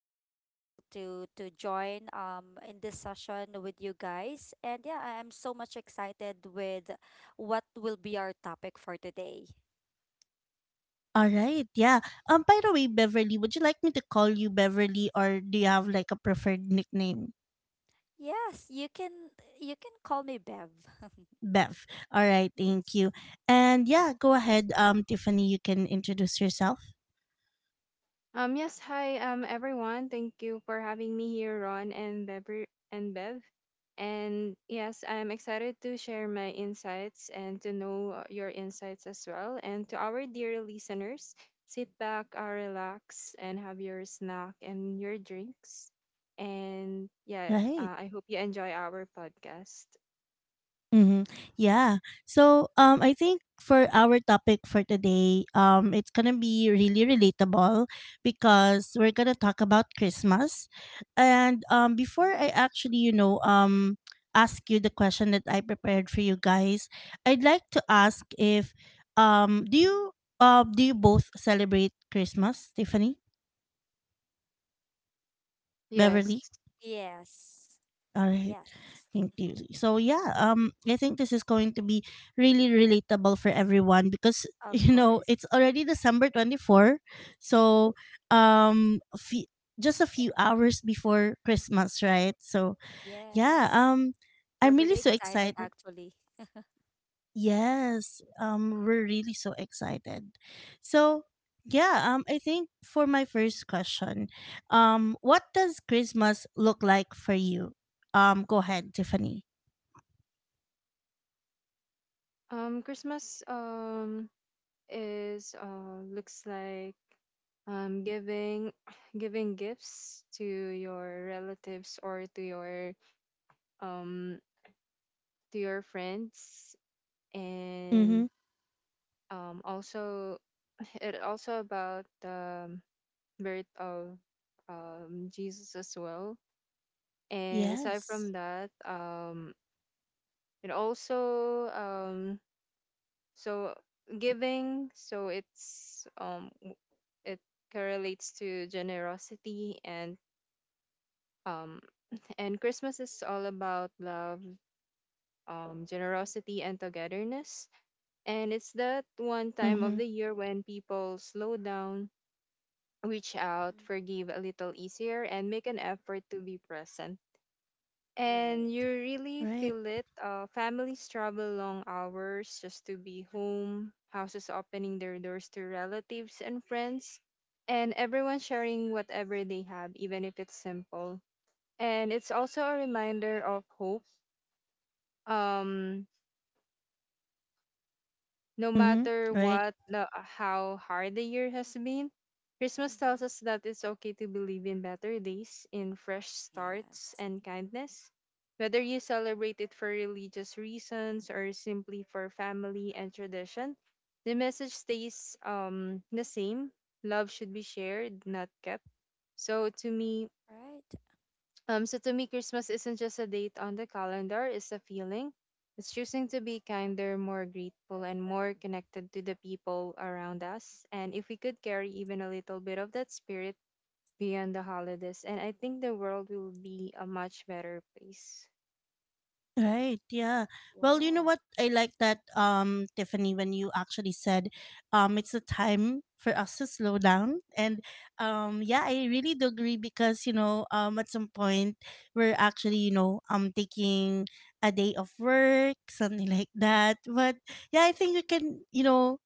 I was able to join in this session with you guys, and yeah, I'm so much excited with what will be our topic for today. All right. Yeah. By the way, Beverly, would you like me to call you Beverly or do you have like a preferred nickname? Yes, you can call me Bev. Bev. All right. Thank Yes. you. And yeah, go ahead. Tiffany, you can introduce yourself. Yes, Hi, everyone. Thank you for having me here, Ron and Bev. And yes, I'm excited to share my insights and to know your insights as well. And to our dear listeners, sit back, relax, and have your snack and your drinks. And yeah, Right. I hope you enjoy our podcast. Mm-hmm. Yeah. So I think for our topic for today, it's gonna be really relatable because we're gonna talk about Christmas. And before I actually, you know, ask you the question that I prepared for you guys, I'd like to ask if um do you do you both celebrate Christmas, Tiffany? Yes. Beverly? Yes. All right. Yes. Thank you. So yeah, I think this is going to be really relatable for everyone because Of you know, course. it's already December 24. So um a few, just a Eh, few hours before Christmas, right? So yeah, Yes. We're I'm really really so excited, excited. actually. Yes. We're really so excited. So yeah, I think for my first question, what does Christmas look like for you? Go ahead, Tiffany. Christmas is looks like giving giving gifts to your relatives or um to your friends, and Mhm. Also, it also about the birth of Jesus as well. And aside from Yes. that, it also, so giving, so it's it correlates to generosity, and um Christmas is all about love, generosity and togetherness. And it's that one time of Mhm. the year when people slow down, reach out, Mhm. forgive a little easier, and make an effort to be present. And Right. you really Right. feel it. Families travel long hours just to be home, houses opening their doors to relatives and friends, and everyone sharing whatever they have, even if it's simple. And it's also a reminder of hope. Um, No Mhm. matter Right. what, no, how hard the year has been, Christmas tells us that it's okay to believe in better days, in fresh starts Yes. and kindness. Whether you celebrate it for religious reasons or simply for family and tradition, the message stays the same. Love should be shared, not kept. So to me, Right. so to me, Christmas isn't just a date on the calendar, it's a feeling. It's choosing to be kinder, more grateful, and more connected to the people around us. And if we could carry even a little bit of that spirit beyond the holidays, and I think the world will be a much better place. Right, yeah. Well, you know Wow. what? I like that Tiffany when you actually said it's a time for us to slow down and yeah, I really do agree because you know at some point we're actually, you know, taking a day of work, something like that. But yeah, I think we can, you know,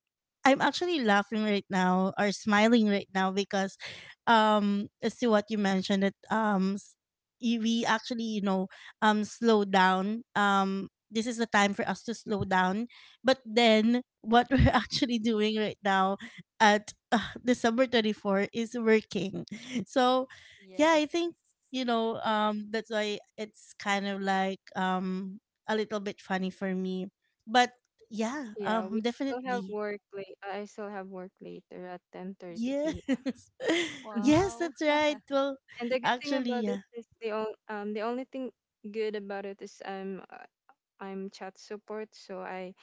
I'm actually laughing right now or smiling right now because as to what you mentioned that we actually you know slow down this is the time for us to slow down but then what we're actually doing right now at December 24 is working, so yeah Yes. I think you know that's why it's kind of like a little bit funny for me, but yeah, Yeah, we still have definitely. work late. I still have work later at 10:30 p.m. Yes. Yes, Wow. that's right. Well, And the good thing actually, about it yeah. is the only thing good about it is, I'm chat support, so I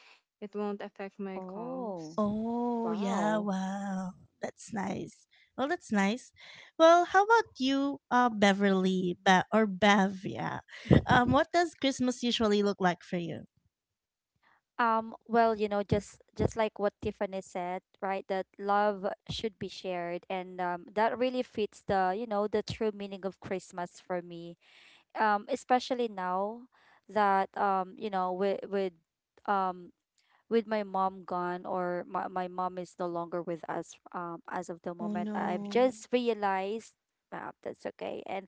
it won't affect my Oh, calls. Oh, yeah. wow. Wow. That's nice. Well, that's nice. Well, how about you, Beverly or Bev? Yeah. What does Christmas usually look like for you? Well, you know, just like what Tiffany said, right? That love should be shared, and that really fits the, you know, the true meaning of Christmas for me. Especially now that you know, with um with my mom gone or my mom is no longer with us as of the Oh moment I've no. just realized that's okay and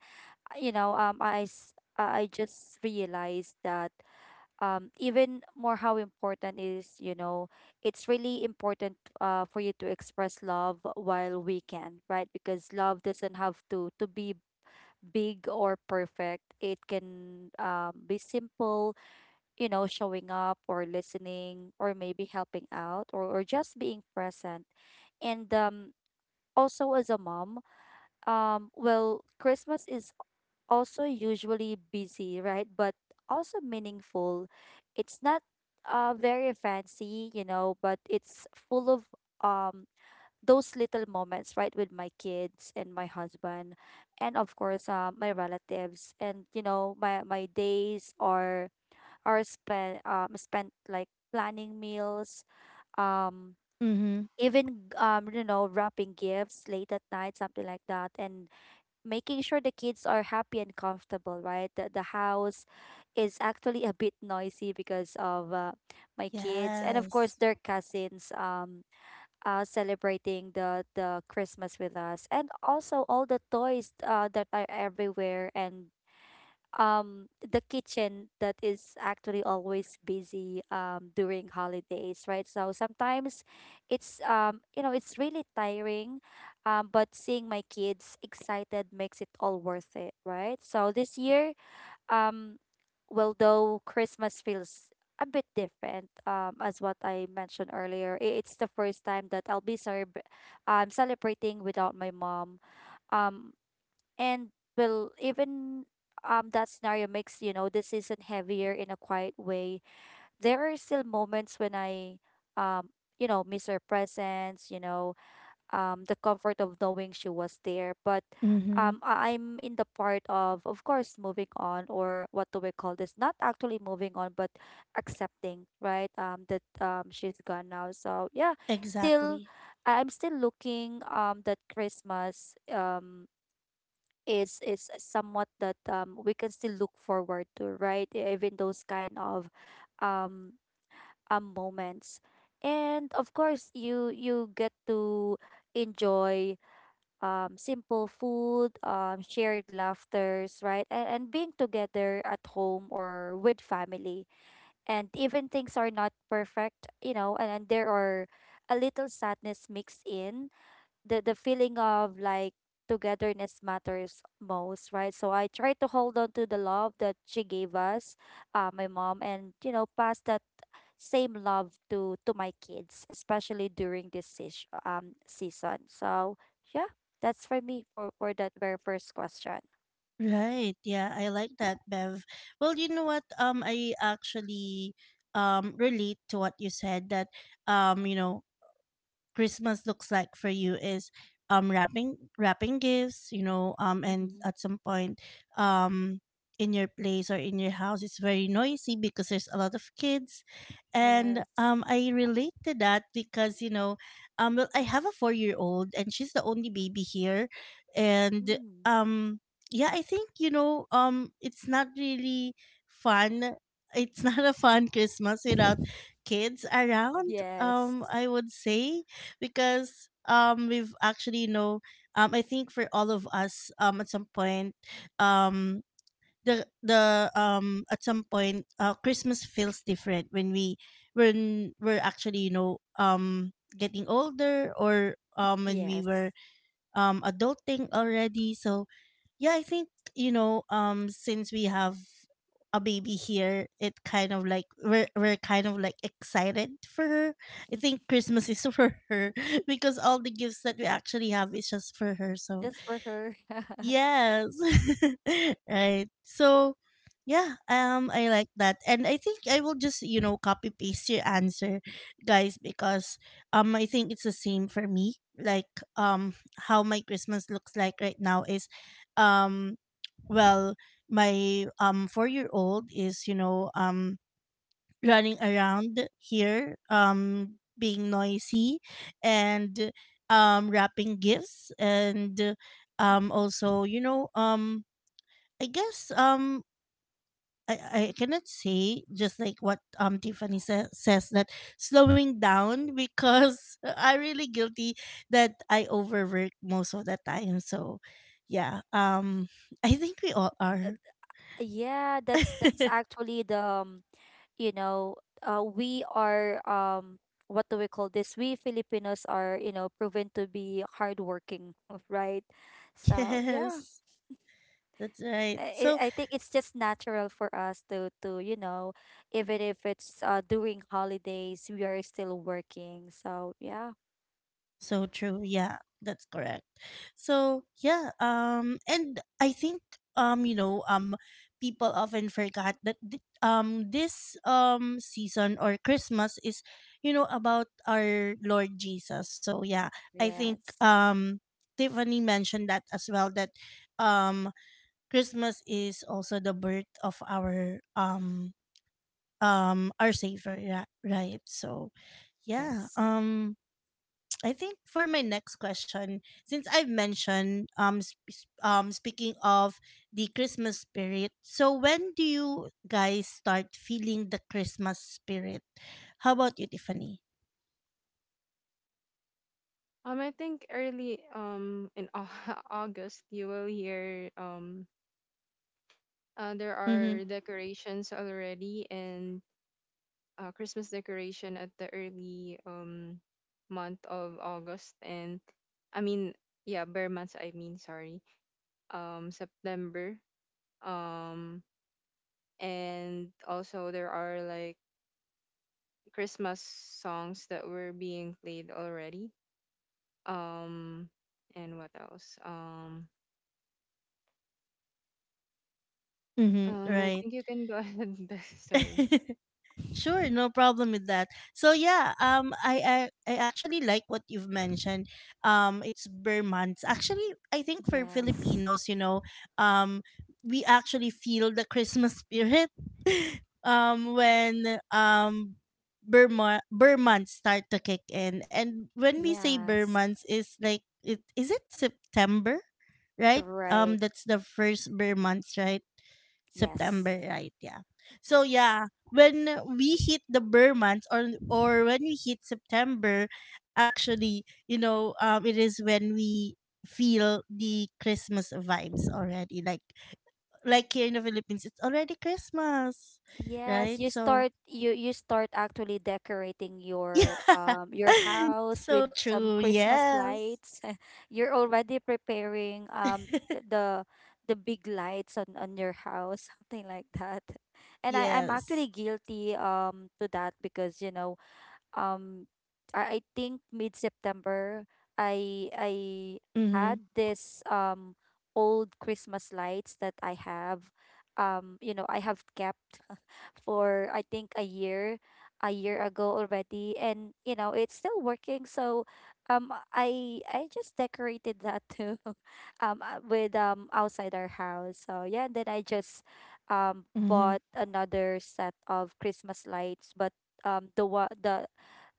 you know I s- I just realized that even more how important is you know it's really important for you to express love while we can, right? Because love doesn't have to be big or perfect, it can be simple, you know, showing up or listening or maybe helping out or just being present. And also as a mom, well, Christmas is also usually busy, right? But also meaningful. It's not very fancy, you know, but it's full of um, those little moments, right, with my kids and my husband, and of course, my relatives. And you know, my days are or spend spent like planning meals, um Mm-hmm. even you know, wrapping gifts late at night, something like that, and making sure the kids are happy and comfortable. Right, the house is actually a bit noisy because of my kids and of course Yes. their cousins celebrating the Christmas with us and also all the toys that are everywhere and the kitchen that is actually always busy during holidays, right? So sometimes it's you know it's really tiring, but seeing my kids excited makes it all worth it, right? So this year um well though Christmas feels a bit different as what I mentioned earlier, it's the first time that I'll be celebrating without my mom um and well, even that scenario makes, you know, the season heavier in a quiet way. There are still moments when I um, you know, miss her presence, you know, the comfort of knowing she was there. But Mm-hmm. I'm in the part of course moving on or what do we call this? Not actually moving on, but accepting, right? That she's gone now. So yeah, still Exactly. I'm still looking that Christmas is somewhat that we can still look forward to, right? Even those kind of um, moments and of course you get to enjoy simple food shared laughters, right? And being together at home or with family and even things are not perfect, you know, and there are a little sadness mixed in the feeling of like togetherness matters most, right? So I try to hold on to the love that she gave us, my mom, and you know pass that same love to my kids, especially during this season. So yeah, that's for me for that very first question. Right. Yeah, I like that, Bev. Well, you know what? I actually relate to what you said that you know, Christmas looks like for you is wrapping gifts, you know, and Mm-hmm. at some point um in your place or in your house it's very noisy because there's a lot of kids and Yes. I relate to that because you know well I have a 4-year old and she's the only baby here and Mm. um yeah I think you know it's not really fun, it's not a fun Christmas without kids around, Yes. I would say, because we've actually you know I think for all of us at some point um the at some point Christmas feels different when we when we're actually you know getting older or when we Yes. were adulting already. So yeah, I think you know since we have a baby here, it kind of like we're, kind of like excited for her. I think Christmas is for her because all the gifts that we actually have is just for her. So Just for her. yes. Right. So yeah, I like that. And I think I will just, you know, copy paste your answer, guys, because I think it's the same for me. Like um how my Christmas looks like right now is um well, my 4-year old is, you know, running around here, being noisy, and wrapping gifts, and Mhm. also, you know, I guess, I cannot say just like what Tiffany says, that slowing down, because I really guilty that I overwork most of the time. So, yeah, I think we all are. Yeah, that's actually the you know, we are what do we call this? We Filipinos are, you know, proven to be hardworking, right? So, yeah. Yes, that's right. So I think it's just natural for us to you know, even if it's during holidays, we are still working. So, yeah. So true. Yeah, that's correct. So yeah, and I think you know, people often forget that this season or Christmas is, you know, about our Lord Jesus. So yeah, I think Yes. Tiffany mentioned that as well, that um, Christmas is also the birth of our Savior. Yeah, right. So yeah. Yes. I think for my next question, since I've mentioned speaking of the Christmas spirit, so when do you guys start feeling the Christmas spirit? How about you, Tiffany? I think early August you will hear there Mm-hmm. are decorations already, and Christmas decoration at the early month of August, and I mean, yeah, bare months, I mean, sorry, September, um and also there are like Christmas songs that were being played already. Um, and what else? Mm-hmm. I Right. think you can go ahead. Beth, sorry. Sure, no problem with that. So yeah, I actually like what you've mentioned. It's bare months. Actually, I think for Yes. Filipinos, you know, um we actually feel the Christmas spirit when Burr months start to kick in. And when we say Burr Yes. months is like, it is it September, right? Right. That's the first Burr months, right? Yes. September, right? Yeah. So yeah, when we hit the Burr months or when we hit September, actually, you know, it is when we feel the Christmas vibes Mhm. already. Like here in the Philippines, it's already Christmas, Yes, right? So you start actually decorating yeah, your house with so some true. Christmas Yes, lights. You're already preparing the big lights on your house, something like that. And I'm yes. actually guilty to that because you know um I think mid September I Mm-hmm. had this old Christmas lights that I have you know I have kept for I think a year ago already and you know it's still working so I just decorated that too with outside our house so yeah and then I just Mm-hmm. bought another set of Christmas lights but the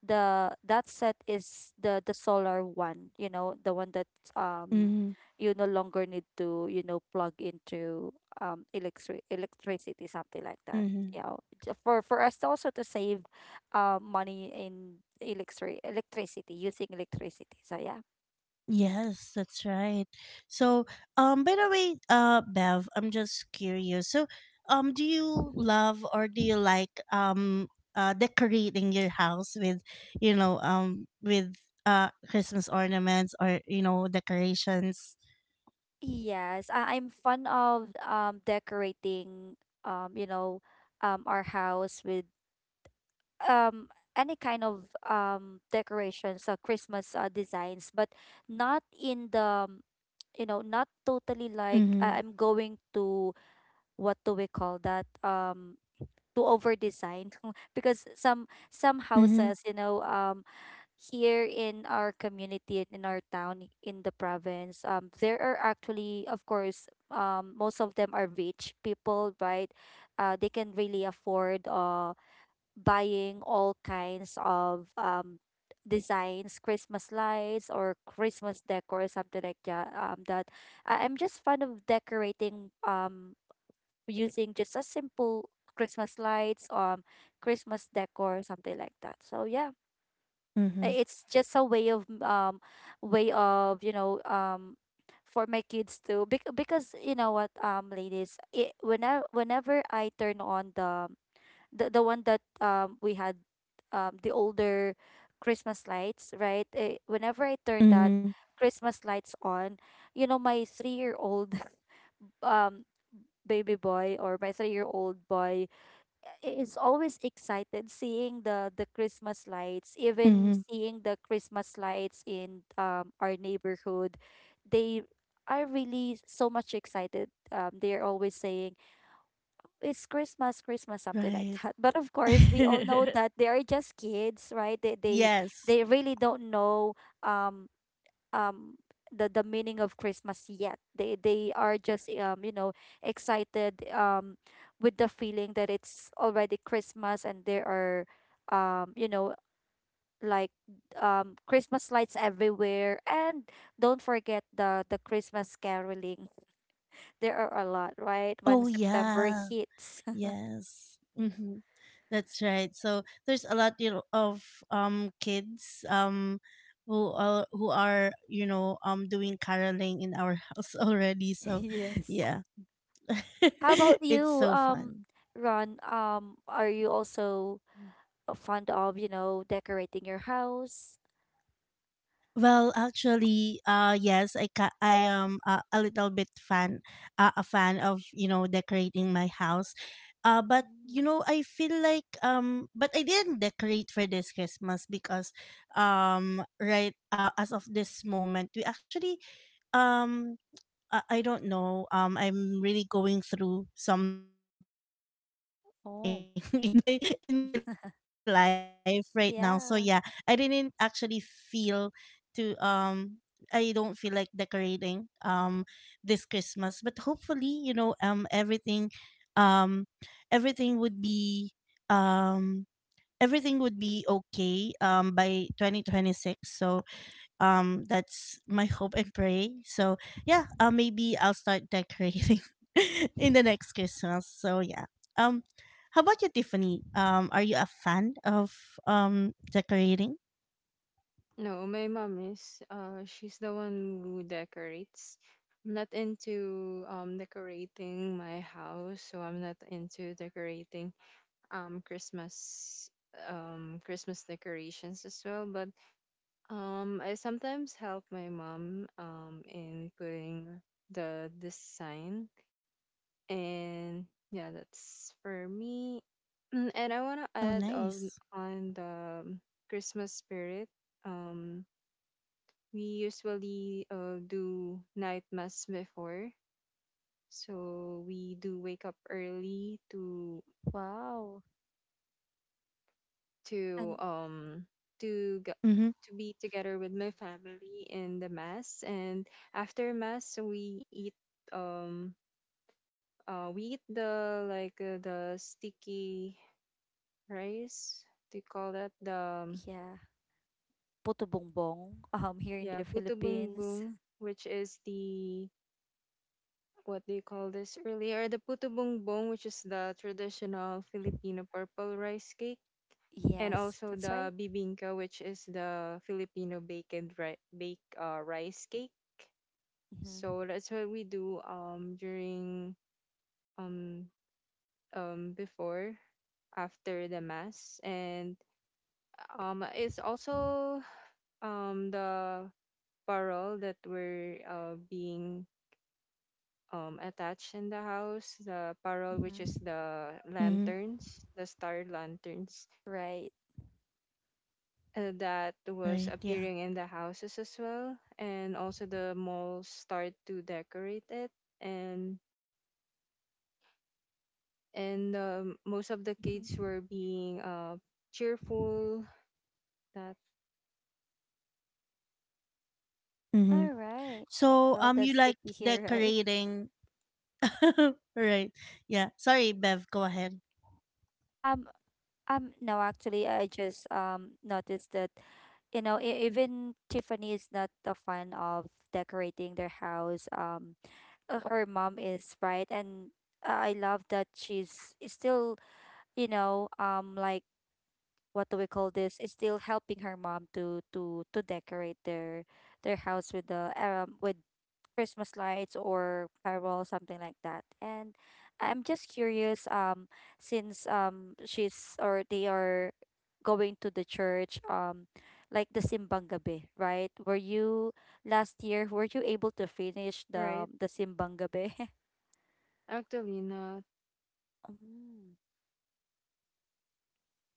that set is the solar one, you know, the one that um you no longer need to you know plug into electricity, something like that. Mm-hmm. Yeah, for us also to save money in electricity using electricity, so yeah. Yes, that's right. So, by the way, Bev, I'm just curious. So, do you love or do you like decorating your house with, you know, with Christmas ornaments or you know decorations? Yes, I'm fond of decorating you know our house with um any kind of decorations Christmas designs but not in the um, you know not totally like Mm-hmm. I'm going to what do we call that to over design because some Mm-hmm. houses you know here in our community and in our town in the province there are actually of course most of them are rich people, right? Uh, they can really afford buying all kinds of designs, Christmas lights or Christmas decor or something like that that I'm just fond of decorating using just a simple Christmas lights Christmas decor something like that, so yeah Mm-hmm. It's just a way of you know for my kids too. Because you know what ladies, whenever I turn on the the one that we had the older Christmas lights, right? Whenever I turn that Mm-hmm. Christmas lights on, you know, my 3-year old um baby boy or my 3-year old boy is always excited seeing the Christmas lights, even Mm-hmm. seeing the Christmas lights in our neighborhood. They are really so much excited. They are always saying it's Christmas, Christmas, something like Right. that. But of course, we all know that they are just kids, right? They Yes. They really don't know um um the meaning of Christmas yet. They are just you know excited with the feeling that it's already Christmas and there are you know like Christmas lights everywhere and don't forget the Christmas caroling. There are a lot, right? When Oh September yeah. hits. Yes. Mm-hmm. That's right. So there's a lot, you know, of kids who are you know doing caroling in our house already. So Yes. yeah, How about it's you, so fun. Ron? Are you also fond of, you know, decorating your house? Well, actually, yes, I am a little bit fan, a fan of you know decorating my house, but you Mm. know I feel like but I didn't decorate for this Christmas because right as of this moment we actually. Um, I don't know. I'm really going through something in my life Oh, right now. So yeah, I didn't actually feel yeah. to. I don't feel like decorating this Christmas, but hopefully, you know, um, everything would be um everything would be okay by 2026, so that's my hope and pray. So yeah, maybe I'll start decorating in the next Christmas. So yeah, um how about you, Tiffany? Are you a fan of decorating? No, my mom is. She's the one who decorates. I'm not into decorating my house, so I'm not into decorating Christmas Christmas decorations as well. But I sometimes help my mom in putting the design, and yeah, that's for me. Mm, and I Oh want to add nice. On the Christmas spirit. um we usually do night mass before, so we do wake up early to Wow. to And um to g- Mm-hmm. to be together with my family in the mass. And after mass we eat um the like, the sticky rice. They call that the, yeah, puto bongbong, here in yeah, the puto Philippines. bumbong, which is the, what they call this earlier, the puto bumbong, which is the traditional Filipino purple rice cake, and Yes, also that's right. the bibingka, which is the Filipino bake, rice cake. Mm-hmm. So that's what we do during, um before, after the mass. And it's also the parole that were being attached in the house, the parole, which Mm-hmm. is the Mm-hmm. lanterns, the star lanterns Right. That Right. was Yeah. appearing in the houses as well. And also the malls start to decorate it, and most of the kids Mm-hmm. were being cheerful that Mm-hmm. All right. So Well, you that's like good to hear, right? decorating. Right. Yeah, sorry, Bev, go ahead. Um, um, no, actually, I just noticed that, you know, even Tiffany is not a fan of decorating their house. Her mom is, right? And I love that she's is still, you know, like what do we call this? Is still helping her mom to decorate their house with the with Christmas lights or carol, something like that. And I'm just curious, since she's or they are going to the church, like the simbang gabi, right? Were you last year? Were you able to finish right. the simbang gabi? Actually, Mm,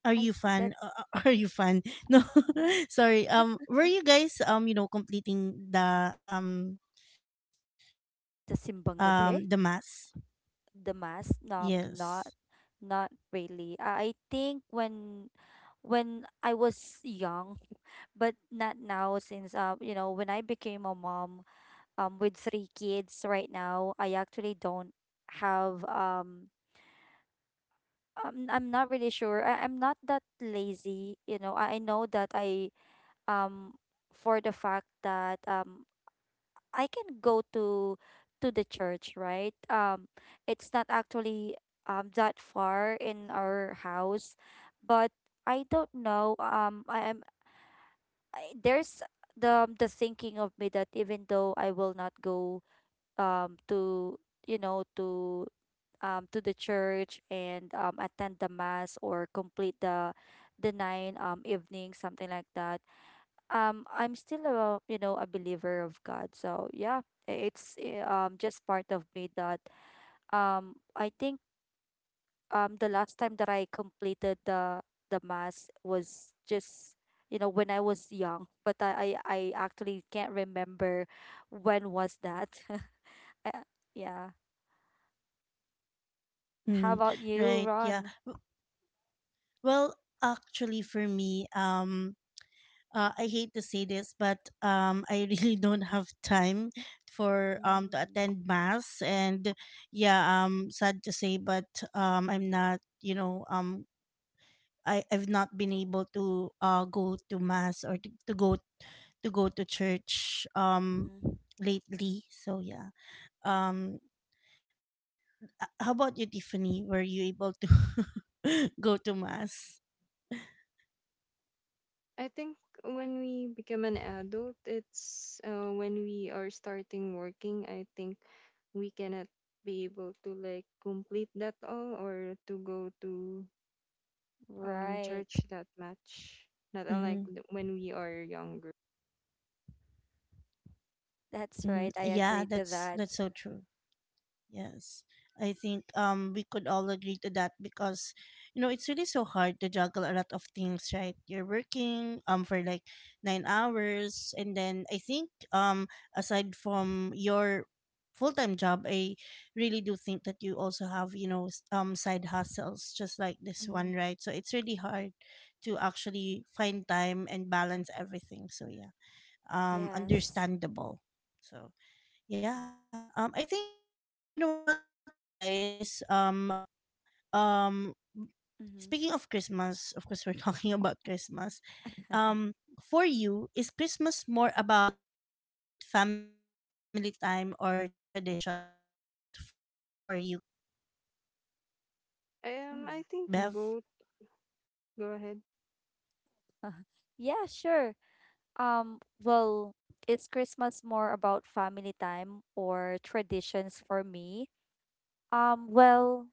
Are I you see that fun? Are you fun? No, sorry. Were you guys you know completing the um the simbang gabi, um the mass? the mass. Yes. Not really. I think when I was young, but not now since you know when I became a mom with three kids right now, I actually don't have I'm not really sure. I'm not that lazy, you know. I know that I um for the fact that I can go to the church, right? It's not actually that far in our house, but I don't know. There's the thinking of me that even though I will not go to you know to the church and attend the mass or complete the nine evening something like that I'm still a you know a believer of God, so yeah it's just part of me that I think the last time that I completed the mass was just you know when I was young, but I actually can't remember when was that. I, yeah. How Mm, about you, right. Yeah. Ron? Well, actually, for me, I hate to say this, but I really don't have time for to Mm, attend mass, and yeah, sad to say, but I'm not you know I've not been able to go to mass or to go to church mhm. lately. So yeah. Um how about you, Tiffany? Were you able to go to mass? I think when we become an adult, it's, when we are starting working, I think we cannot be able to like complete that all or to go to Right. church that much. Not unlike Mhm. when we are younger. That's right. Mhm. I agree Yeah, to that. that's so true. Yes. I think we could all agree to that, because you know it's really so hard to juggle a lot of things, right? You're working for like 9 hours, and then I think aside from your full-time job, I really do think that you also have, you know, side hustles just like this Mm-hmm. one, right? So it's really hard to actually find time and balance everything. So yeah. Yes. Understandable. So yeah. I think you know what, guys? Um speaking of Christmas, of course we're Mm-hmm. talking about Christmas. Um for you, is Christmas more about family time or traditions for you guys? How about you, Tiffany? I Mm. think Bev? both. Go ahead. Yeah, sure. Well, is Christmas more about family time or traditions for me? Well,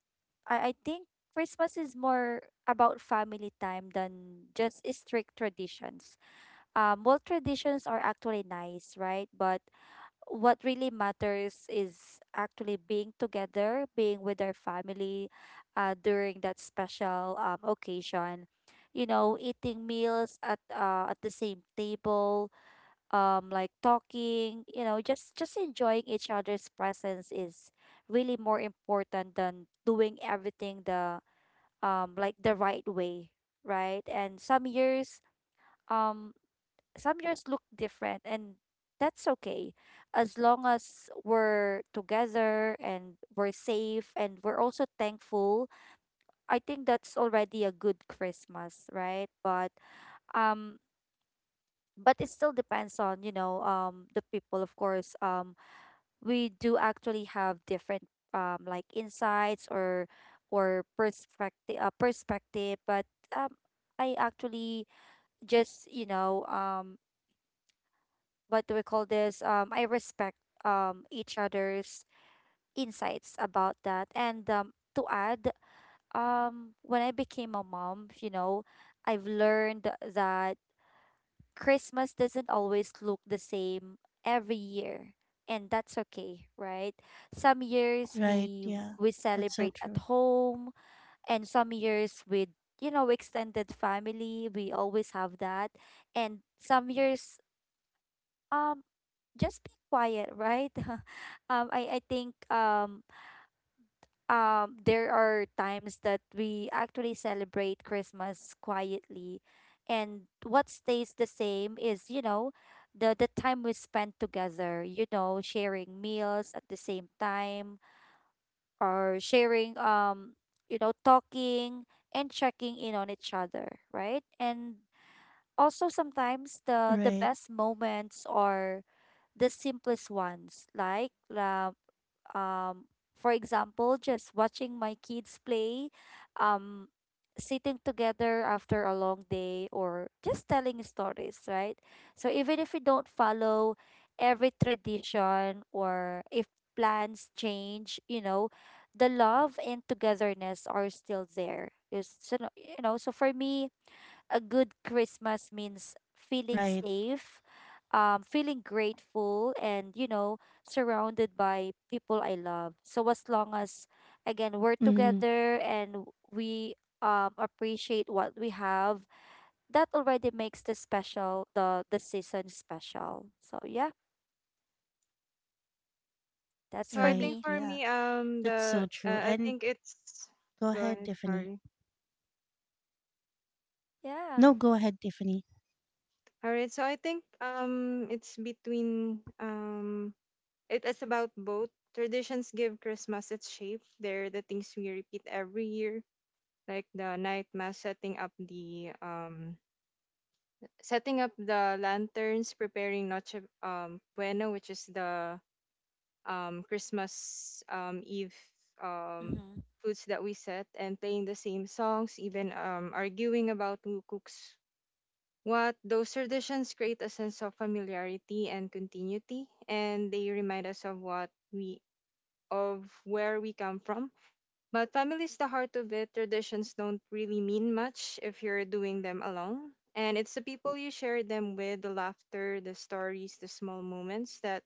I think Christmas is more about family time than just strict traditions. Traditions are actually nice, right? But what really matters is actually being together, being with our family during that special occasion. You know, eating meals at the same table, talking, just enjoying each other's presence is really more important than doing everything the the right way, right? And some years, um some years look different, and that's okay. As long as we're together and we're safe and we're also thankful, I think that's already a good Christmas, right? But um but it still depends on, you know, the people, of course. We do actually have different insights or perspective, but um I actually just, you know what do we call this I respect each other's insights about that. And to add, when I became a mom, you know, I've learned that Christmas doesn't always look the same every year, and that's okay, right? Some Right, years yeah. we That's so we true. celebrate at home, and some years with, you know, extended family. We always have that. And some years, um just be quiet, right? I think there are times that we actually celebrate Christmas quietly, and what stays the same is, you know, the time we spend together, you know, sharing meals at the same time, or sharing, you know, talking and checking in on each other, right? And also sometimes the Right. best moments are the simplest ones, like, um for example, just watching my kids play, um sitting together after a long day, or just telling stories, right? So even if we don't follow every tradition, or if plans change, you know, the love and togetherness are still there. Is so no- you know so for me, a good Right. Christmas means feeling safe, feeling grateful, and, you know, surrounded by people I love. So Mm, as long as, again, we're together and we appreciate what we have, that already makes the season special. So yeah, right, that's So for I yeah. think me. for me, That's so true. the And I think it's. go ahead, Go ahead. Tiffany. Sorry. Yeah. No, go ahead, Tiffany. All right. So I think it's between It is about both. Traditions give Christmas its shape. They're the things we repeat every year, like the night mass, setting up the lanterns, preparing Noche, Buena, which is the, Christmas, Eve, um, Mm-hmm. foods that we set, and playing the same songs, even, arguing about who cooks what. Those traditions create a sense of familiarity and continuity, and they remind us of what we of where we come from. But family is the heart of it. Traditions don't really mean much if you're doing them alone. And it's the people you share them with, the laughter, the stories, the small moments that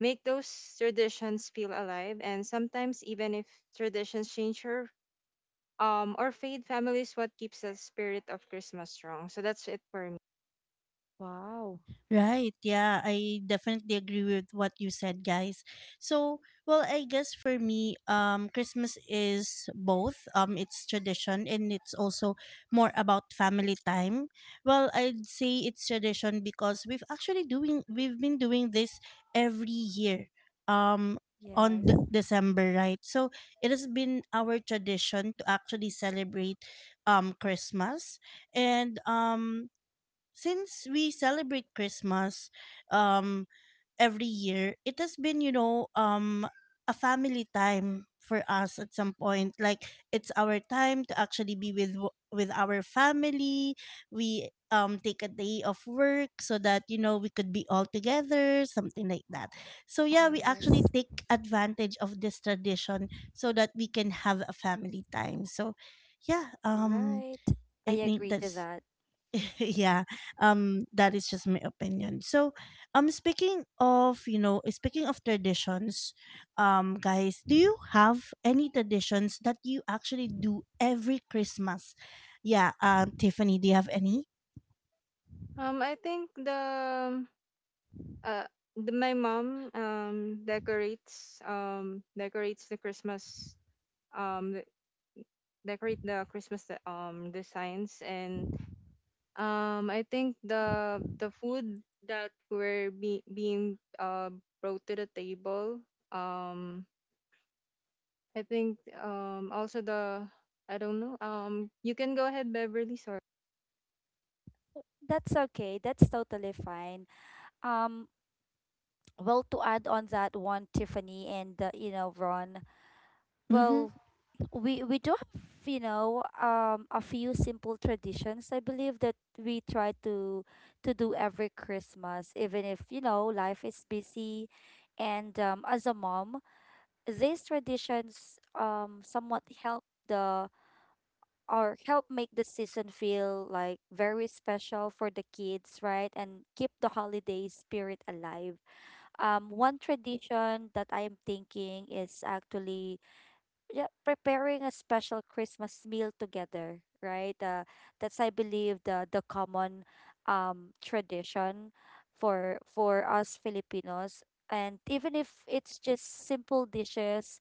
make those traditions feel alive. And sometimes, even if traditions change or fade, family is what keeps the spirit of Christmas strong. So that's it for me. Wow. Right. Yeah, I definitely agree with what you said, guys. So, well, I guess for me, Christmas is both. It's tradition and it's also more about family time. Well, I'd say it's tradition because we've been doing this every year. Um, Yes, on December, right? So it has been our tradition to actually celebrate Christmas, and since we celebrate Christmas um every year, it has been, you know, a family time for us at some point. Like, it's our time to actually be with with our family. We take a day off work, so that you know we could be all together, something like that. So yeah, we actually yes, take advantage of this tradition so that we can have a family time. So yeah, right. I I think agree to that's that. yeah that is just my opinion. So speaking of speaking of traditions, guys, do you have any traditions that you actually do every Christmas? Yeah, Tiffany, do you have any? I think uh, my mom decorates the Christmas um de- decorate the Christmas designs, and I think the food that were be- being brought to the table. um I think also the, I don't know, you can go ahead, Beverly, sorry. That's okay. That's totally fine. Um, well, to add on that one, Tiffany, and, you know, Ron, Mhm. well, we do have, you know, a few simple traditions, I believe, that we try to do every Christmas, even if, you know, life is busy. And as a mom, these traditions somewhat help the or help make the season feel like very special for the kids, right, and keep the holiday spirit alive. One tradition that I am thinking is actually, yeah, preparing a special Christmas meal together, right? That's, I believe, the common tradition for us Filipinos. And even if it's just simple dishes,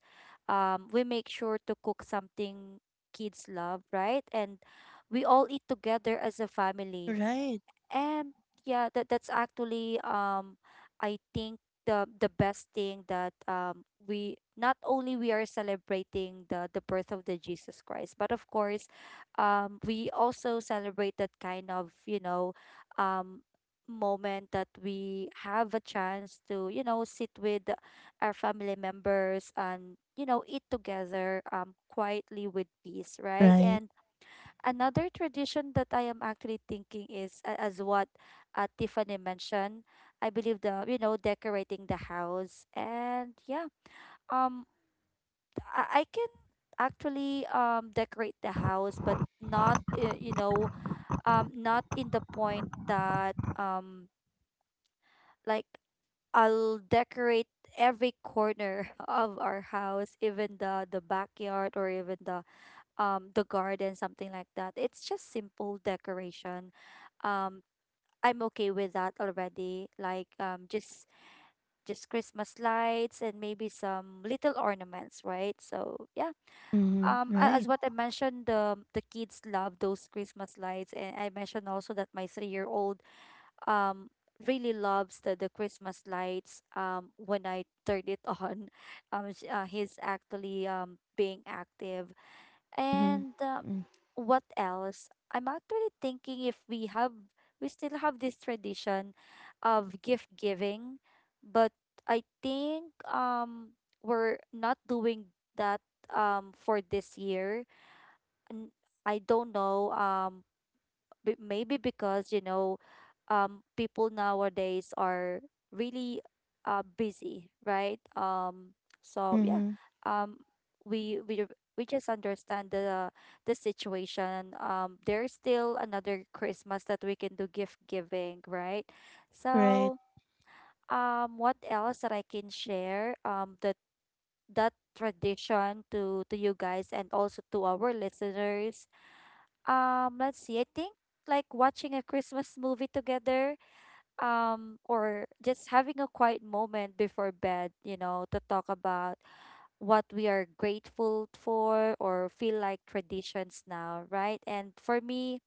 we make sure to cook something kids love, right? And we all eat together as a family, Right. and yeah, that's actually, I think, the best thing that we, not only we are celebrating the birth of the Jesus Christ, but of course we also celebrate that kind of, you know, um moment that we have a chance to, you know, sit with our family members and, you know, eat together quietly with peace, right? Right. And another tradition that I am actually thinking is, as what Tiffany mentioned. I believe the, you know, decorating the house. And yeah, um, I can actually decorate the house, but not, you know, not in the point that, like I'll decorate every corner of our house, even the backyard or even the garden, something like that. It's just simple decoration. Um i'm okay with that already, like, just Christmas lights and maybe some little ornaments, right? So yeah, Mhm. As Right. what I mentioned, the kids love those Christmas lights, and I mentioned also that my 3-year-old year old um really loves the Christmas lights when I turned it on. He's actually being active. Mhm. And Mm. What else? I'm actually thinking if we have, we still have this tradition of gift giving, but I think we're not doing that for this year. N- I don't know, but maybe because, you know, people nowadays are really, busy, right? So yeah, Mhm. um, we we we just understand the situation. There's still another Christmas that we can do gift giving, right? Right. So what else that I can share? That tradition to you guys and also to our listeners. Let's see. I think like watching a Christmas movie together, or just having a quiet moment before bed, you know, to talk about what we are grateful for, or feel like traditions now, right? And for me,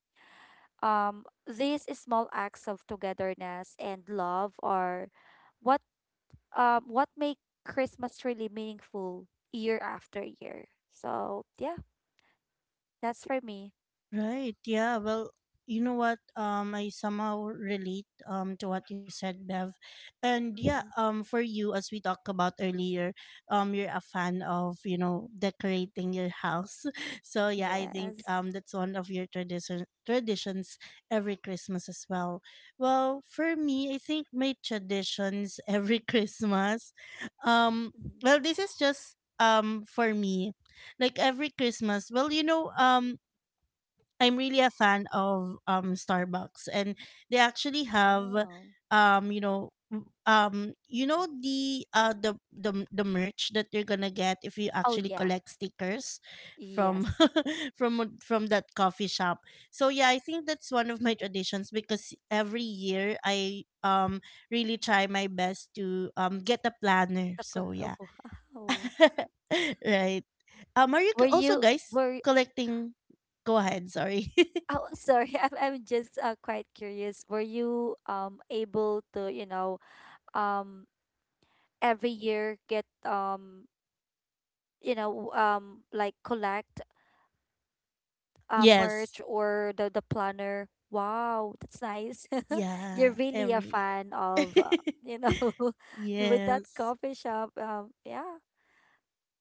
these small acts of togetherness and love are what what make Christmas really meaningful year after year. So yeah, that's for me. Right. Yeah. Well, you know what? I somehow relate to what you said, Bev, and yeah. Mm-hmm. For you, as we talked about earlier, you're a fan of decorating your house. So yeah, I think Yes. That's one of your traditions every Christmas as well. Well, for me, I think my traditions every Christmas, um, well, this is just for me, like every Christmas. Well, you know, I'm really a fan of Starbucks, and they actually have Oh. You know you know the merch that you're going to get if you Oh actually yeah. collect stickers Yes. from from that coffee shop. So yeah, I think that's one of my traditions, because every year I really try my best to get a planner. So Takulog. yeah. Wow. Right. Are you Were also you guys were collecting, go ahead, sorry. Oh, sorry, I'm just, quite curious. Were you able to, you know, um every year get collect, Yes. merch or the planner? Wow, that's nice. You're Yeah, really a every fan year. of, you know, with that Yes. coffee shop. Yeah.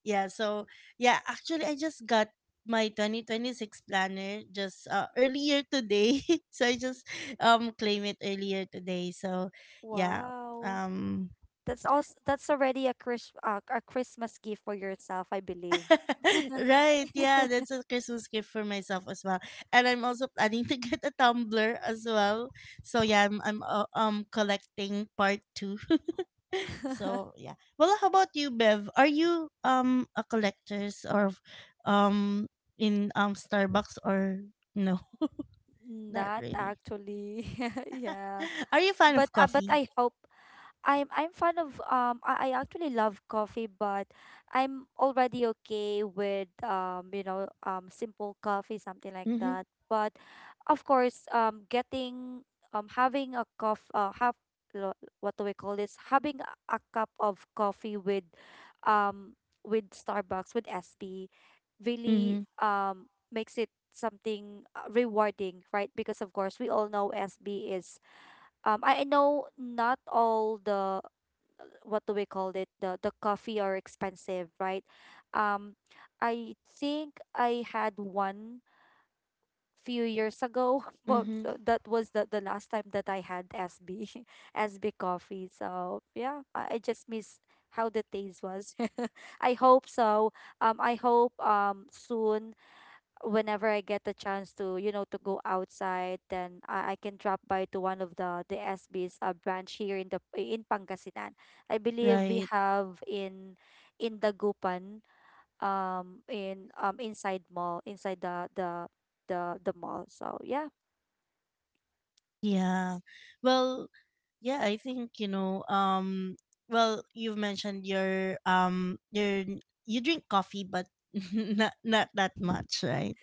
Yeah, so yeah, actually I just got my 2026 planner just earlier today. So I just claim it earlier today. So yeah, Wow. um That's also that's already a Christmas gift for yourself, I believe. right, yeah, that's a Christmas gift for myself as well. And I'm also planning to get a tumbler as well. So yeah, I'm collecting part 2. So yeah. Well, how about you, Bev? Are you a collectors or um in Starbucks, or no? Not Not really. actually. Yeah. Are you a fan of But coffee? I hope, I'm fan of, I actually love coffee, but I'm already okay with, you know, simple coffee, something like Mm-hmm. that, but of course getting, having a coff have, lo- what do we call this having a cup of coffee um with Starbucks, with SB, really Mm-hmm. Makes it something, rewarding, right? Because of course we all know SB is, I know not all the, what do we call it the coffee are expensive, right? Um i think I had one few years ago. But, Mm-hmm. That was the last time that I had SB coffee. So yeah, I just miss how the taste was. I hope so. I hope soon, whenever I get the chance to, you know, to go outside, then I can drop by to one of the SB's, branch here in the, in Pangasinan. I believe we Right. have in Dagupan, in, inside mall, inside the the mall. So yeah, Yeah. Well, yeah, I think, you know, well, you've mentioned your you drink coffee, but not not that much, right?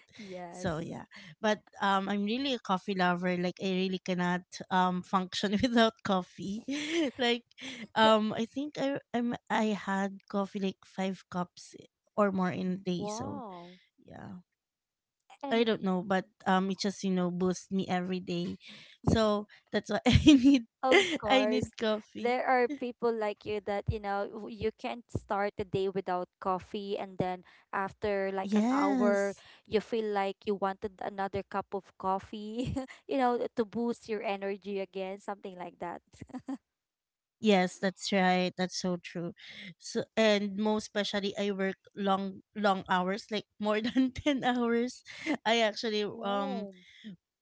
So yes. yeah, but I'm really a coffee lover. Like, I really cannot function without coffee. Like The- I think I had coffee like five cups or more in a day. So wow, yeah, I and. don't know, but it just you know boosts me every day. So that's why I need Of I course, need coffee. there are people like you that, you know, you can't start the day without coffee, and then after like an hour, Yes. you feel like you wanted another cup of coffee, you know, to boost your energy again, something like that. Yes, that's right. That's so true. So, and most especially, I work long, long hours, like more than 10 hours. I actually Oh.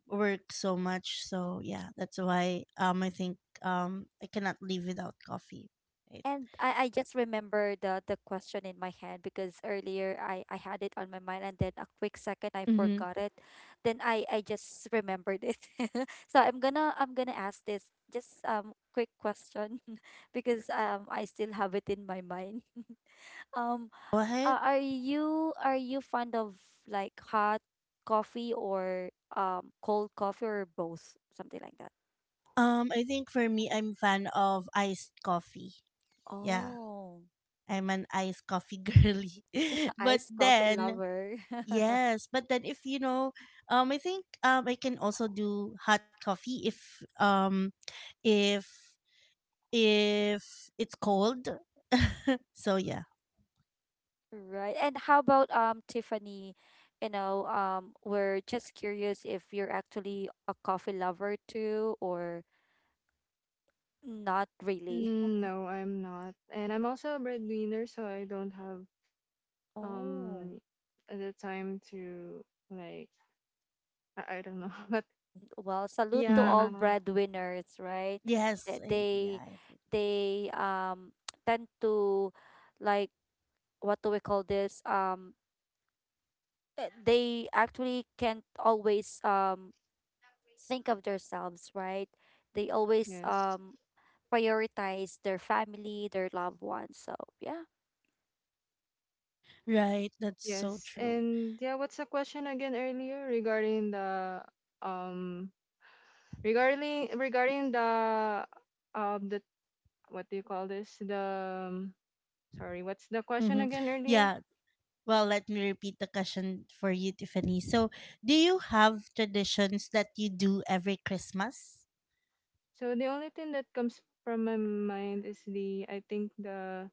work so much. So, yeah, that's why I think I cannot live without coffee. Right. And I just remember the question in my head, because earlier I had it on my mind, and then a quick second I Mm-hmm. forgot it. Then I just remembered it. So I'm gonna ask this just quick question, because I still have it in my mind. Um Go ahead. Are you fond of like hot coffee, or cold coffee, or both? Something like that. I think for me, I'm fan of iced coffee. Yeah, Oh, I'm an iced coffee girly. But iced coffee then lover. yes, but then if you know, I think I can also do hot coffee if if if it's cold. So yeah. Right. And how about Tiffany? You know, we're just curious if you're actually a coffee lover too, or not really. Mm, no, I'm not. And I'm also a breadwinner, so I don't have Oh, um the time to like, I don't know, but well, salute to yeah. all Mm-hmm. Breadwinners, right? Yes. That yeah. they I think. they tend to like, what do we call this? They actually can't always think of themselves, right? They always Yes. Prioritize their family, their loved ones. So yeah. Right. That's so Yes. true. And yeah, what's the question again earlier regarding the, um regarding the, um the what do you call this? The, sorry, what's the question Mm-hmm. again earlier? Yeah. Well, let me repeat the question for you, Tiffany. So, do you have traditions that you do every Christmas? So the only thing that comes from my mind is the I think the,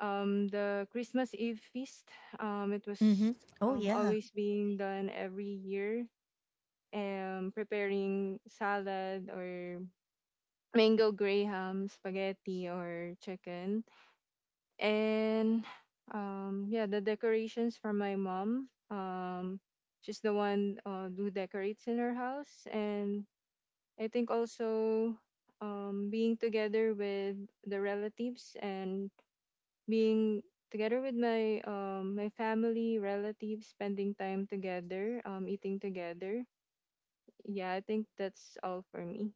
the Christmas Eve feast. It was Mm-hmm. Oh, yeah. always being done every year. Preparing salad or mango graham spaghetti or chicken, and yeah, the decorations from my mom. She's the one who decorates in her house. And I think also being together with the relatives, and being together with my, my family relatives, spending time together, eating together. Yeah, I think that's all for me.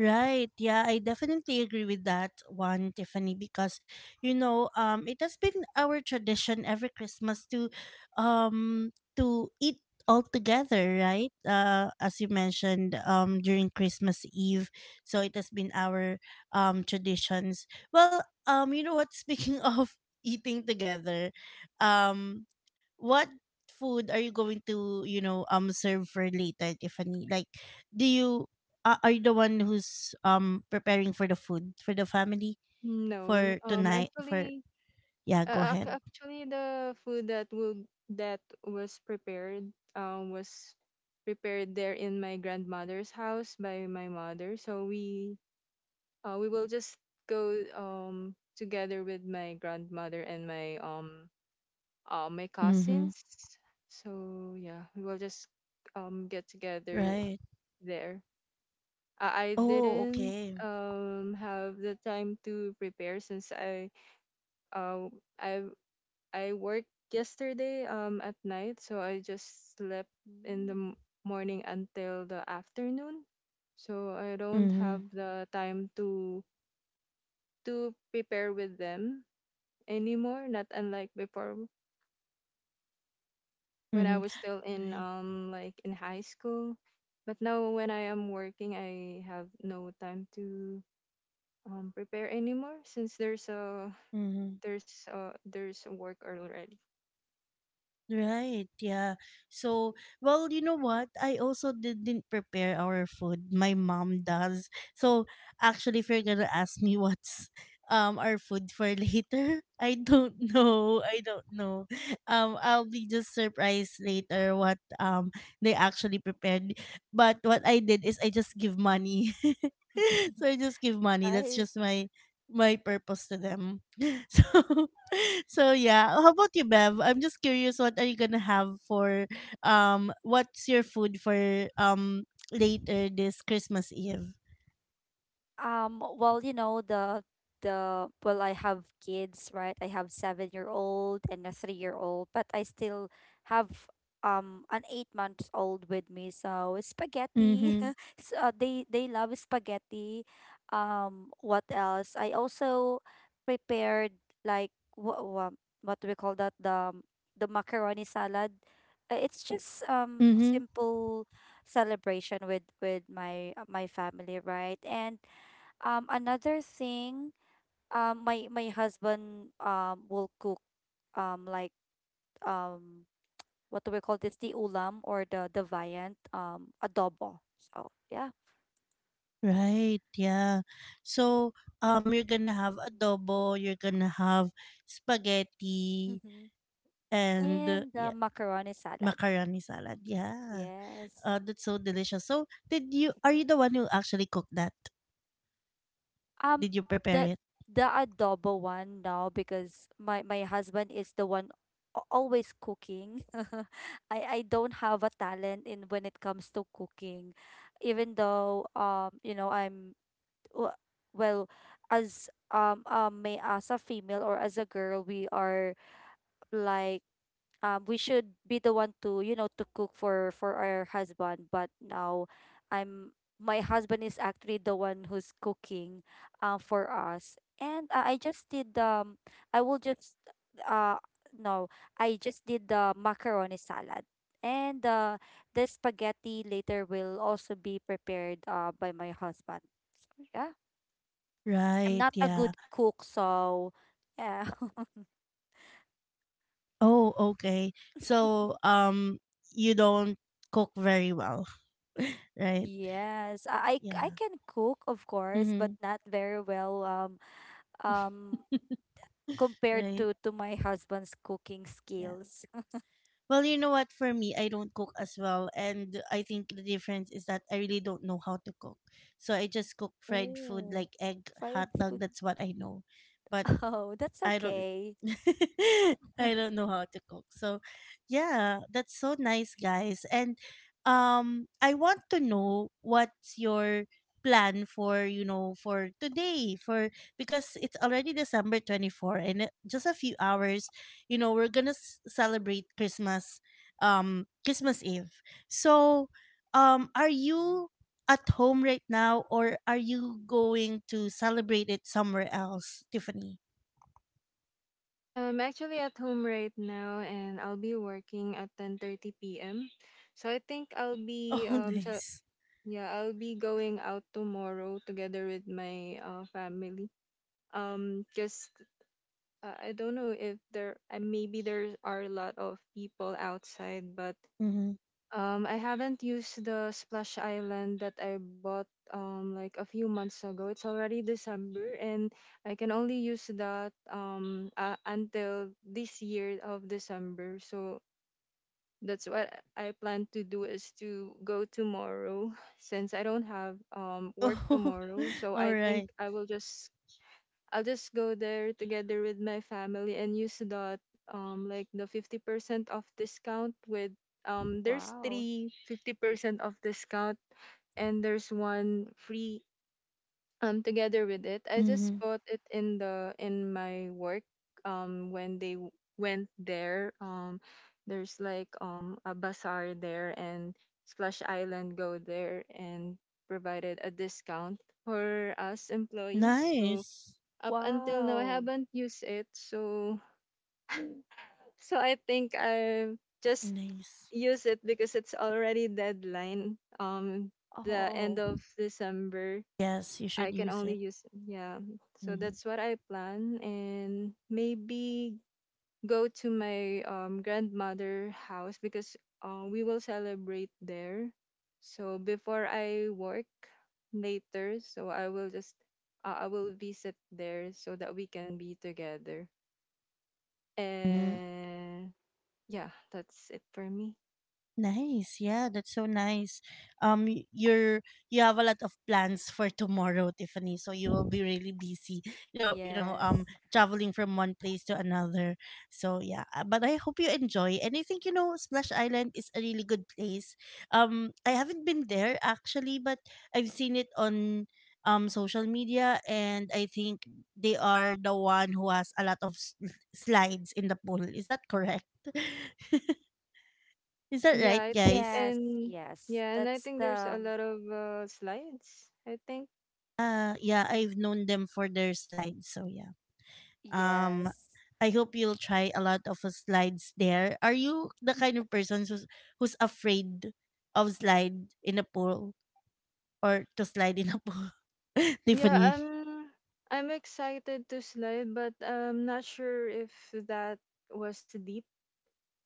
Right. Yeah, I definitely agree with that one, Tiffany, because you know, it has been our tradition every Christmas um to eat all together, right? Uh, as you mentioned, during Christmas Eve. So it has been our traditions. Well, you know what, speaking of eating together, um what food are you going to you know serve for later, Tiffany? Like, do you are you the one who's preparing for the food for the family no for um tonight for, actually yeah, go Uh, ac- ahead. actually, the food that would, that was prepared there in my grandmother's house by my mother. So we will just go together with my grandmother and my, my Mm-hmm. cousins. So yeah, we will just get together Right. there. I Oh, didn't okay. Have the time to prepare, since uh I I worked yesterday at night, so I just slept in the Mm. Morning until the afternoon. So I don't have Mhm. the time to prepare with them anymore, not unlike before when I Mm-hmm. was still in Right. Like in high school. But now when I am working, I have no time to prepare anymore, since Mm-hmm. There's a work already. Right. Yeah. So, well, you know what? I also didn't prepare our food. My mom does. So, actually, if you're gonna ask me what's our food for later, I don't know. I don't know. I'll be just surprised later what they actually prepared. But what I did is I just give money. So I just give money. That's Right. just my my purpose to them. So, so yeah, how about you, Bev? I'm just curious, what are you gonna have for what's your food for um later this Christmas Eve? Well, you know, the, well, I have kids, right? I have 7-year old and a 3-year old, but I still have an 8 months old with me. So spaghetti, Mm-hmm. so, they love spaghetti. What else? I also prepared like what what, what do we call that? The macaroni salad. It's just Mm-hmm. simple celebration with my, my family, right? And another thing, my my husband will cook, um like um what do we call this? The ulam or the viand, adobo. So yeah, Right, yeah. So, you're gonna have adobo, you're gonna have spaghetti, mm-hmm, and and yeah, the macaroni salad. macaroni salad. Yeah. Yes. That's so delicious. So, did you are you the one who actually cooked that? Um, Did you prepare the it? Adobo one now, because my husband is the one always cooking. I don't have a talent in when it comes to cooking, even though you know I'm w- well as may as a female or as a girl we are like we should be the one to you know to cook for our husband. But now I'm my husband is actually the one who's cooking for us. And I just did I will just uh no I just did the macaroni salad. And the spaghetti later will also be prepared by my husband, so yeah. I'm Right, not a yeah. good cook, so yeah. Oh, okay. So, you don't cook very well, right? Yes, I I Yeah. can cook, of course, but Mm-hmm. not very well um compared Right. to my husband's cooking Yeah. skills. Well, you know what? For me, I don't cook as well. And I think the difference is that I really don't know how to cook. So I just cook fried food Oh, like egg, fried hot dog. food. That's what I know. But Oh, that's I don't okay. I don't know how to cook. So yeah, that's so nice guys. And I want to know what's your plan for, you know, for today for, because it's already December 24 and just a few hours, you know, we're going to celebrate Christmas Christmas Eve. So are you at home right now, or are you going to celebrate it somewhere else, Tiffany? I'm actually at home right now, and I'll be working at 10:30 p.m. So I think I'll be Oh, nice. yeah, I'll be going out tomorrow together with my, family. Just, I don't know if there, maybe there are a lot of people outside. But Mm-hmm. I haven't used the splash island that I bought like a few months ago. It's already December, and I can only use that until this year of December. So that's what I plan to do, is to go tomorrow since I don't have work Oh, tomorrow. So all I think right. I will just, I'll just go there together with my family and use that, like the 50% off discount with, there's Wow. 350% off discount, and there's one free together with it. I just Mm-hmm. bought it in the in my work, when went there. There's like a bazaar there, and Splash Island go there and provided a discount for us employees. So Nice. up until now I Wow. haven't used it. So so I think I just Nice. use it because it's already deadline. The end Oh. of December. Yes, you I should can use it. only use it, yeah. So Mm-hmm. that's what I plan. And maybe go to my, grandmother house, because we will celebrate there. So before I work later, so I will just, I will visit there so that we can be together. Mm-hmm. And yeah, that's it for me. Nice. Yeah, that's so nice. You're you have a lot of plans for tomorrow, Tiffany, so you will be really busy. You know, Yes. Traveling from one place to another. So yeah, but I hope you enjoy. And I think you know Splash Island is a really good place. I haven't been there actually, but I've seen it on social media, and I think they are the one who has a lot of slides in the pool. Is that correct? Is that Yeah, right, I think, guys? Yes, and yes. yeah, and I That's think the there's a lot of, slides. I think Yeah, I've known them for their slides. So yeah. Um, yes. I hope you'll try a lot of slides there. Are you the kind of person who's who's afraid of slide in a pool, or to slide in a pool, yeah, Tiffany? I'm excited to slide, but I'm not sure if that was deep.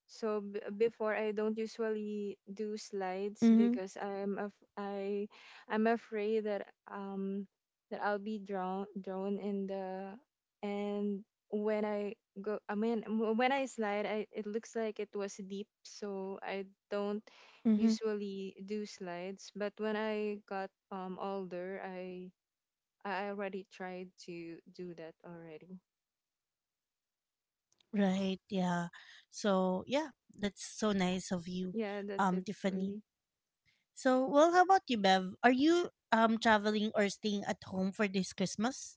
So before I don't usually do slides Mm-hmm. because I I'm afraid that that I'll be drawn in the, and when I go I mean w- when I slide, I it looks like it was deep, so I don't Mm-hmm. usually do slides. But when I got, older, I already tried to do that already. Right. Yeah. So yeah, that's so nice of you, Yeah, that's it for Tiffany. me. So, well, how about you, Bev? Are you traveling or staying at home for this Christmas?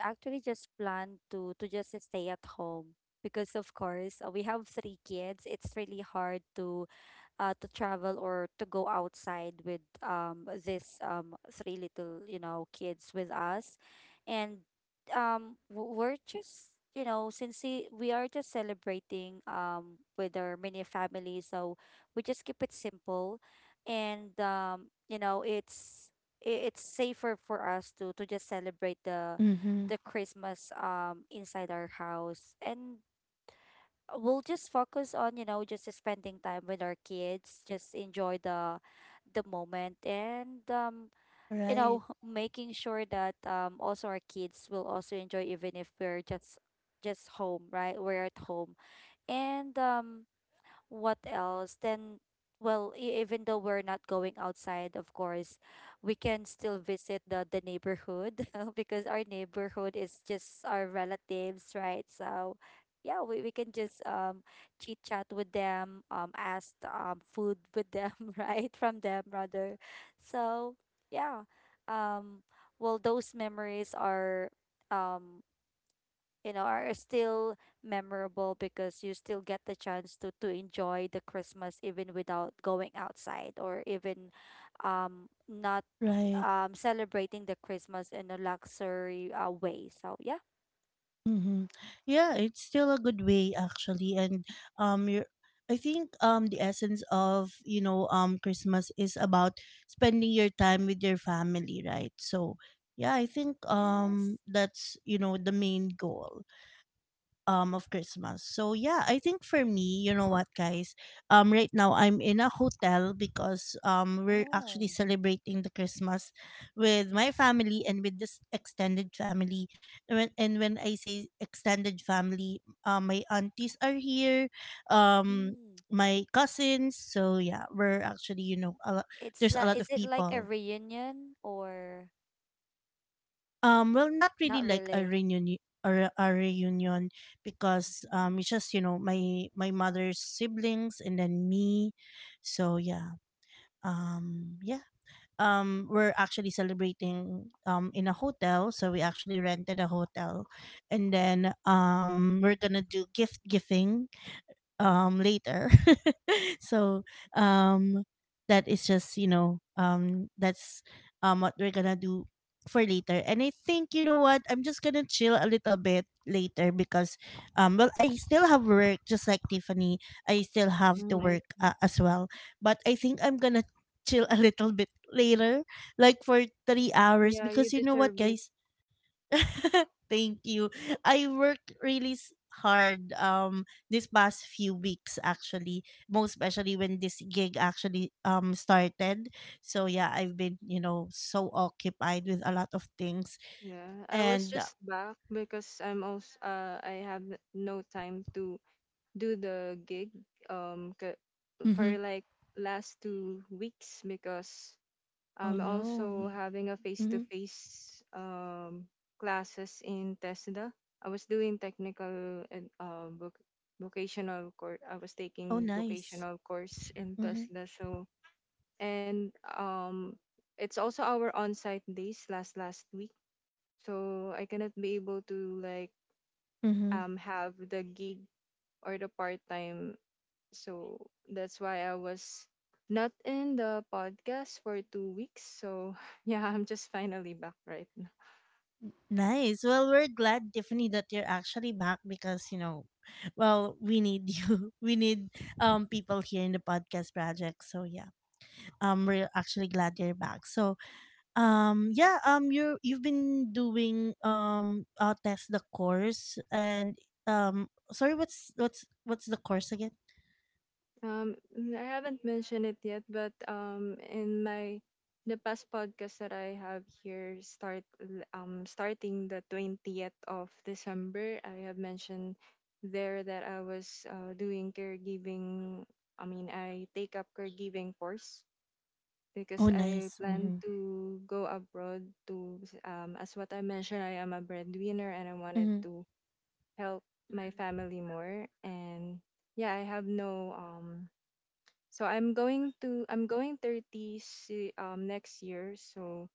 Actually just planned to just stay at home because of course we have three kids. It's really hard to travel or to go outside with this three little you know kids with us. And we're just, you know, since we are just celebrating with our mini family, so we just keep it simple. And you know it's it's safer for us to just celebrate the Mm-hmm. Christmas inside our house. And we'll just focus on, you know, just spending time with our kids, just enjoy the moment. And you Right. know, making sure that also our kids will also enjoy, even if we're just home, right? We're at home. And what else? Then, well, even though we're not going outside, of course, we can still visit the neighborhood because our neighborhood is just our relatives, right? So yeah, we can just chit chat with them, ask food with them, right? From them rather. So yeah. Um, well, those memories are um you know are still memorable because you still get the chance to enjoy the Christmas, even without going outside or even not Right. Celebrating the Christmas in a luxury way. So yeah. Mm-hmm. Yeah, it's still a good way actually, and um, you're, I think the essence of you know Christmas is about spending your time with your family, right? So yeah, I think Yes. That's you know the main goal of Christmas. So yeah, I think for me, you know what, guys, right now I'm in a hotel, because we're actually Oh. celebrating the Christmas with my family and with this extended family. And when I say extended family, my aunties are here, um Mm. my cousins. So yeah, we're actually, you know, a lot, It's there's a like, lot is of it like a people. reunion or Well, not really not like a really? reunion or a reunion, because Mm-hmm. it's just you know my my mother's siblings and then me, so yeah, yeah, we're actually celebrating in a hotel, so we actually rented a hotel, and then we're gonna do gift giving later. So um that is just you know that's what we're gonna do for later. And I think you know what, I'm just gonna chill a little bit later, because well, I still have work just like Tiffany. I still have to Mm, I, work as well, but I think I'm gonna chill a little bit later like for 3 hours, yeah, you because you know deserve what it. guys, thank you. I worked really hard this past few weeks, actually, most especially when this gig actually started. So yeah, I've been, you know, so occupied with a lot of things Yeah, I was and just back because I'm also I have no time to do the gig um c- Mm-hmm. for like last 2 weeks because Oh I'm no. also having a Mm-hmm. face-to-face classes in TESDA. I was doing technical and vocational course. I was Oh taking nice. vocational course in Mm-hmm. TESDA. So and it's also our on-site days last week, so I cannot be able to like Mm-hmm. Have the gig or the part time. So that's why I was not in the podcast for 2 weeks. So yeah, I'm just finally back right. Nice. Well, we're glad, Tiffany, that you're actually back, because, you know, well, we need you. We need people here in the podcast project. So yeah. We're actually glad you're back, so yeah, you've been doing test the course, and sorry, what's what's the course again? I haven't mentioned it yet, but in my the past podcast that I have here, starting the 20th of December, I have mentioned there that I was doing caregiving. I mean, I take up caregiving course because Oh I nice. plan Mm-hmm. to go abroad as what I mentioned, I am a breadwinner and I wanted Mm-hmm. to help my Mhm. family more. And yeah, I have no so I'm going 30 next year. So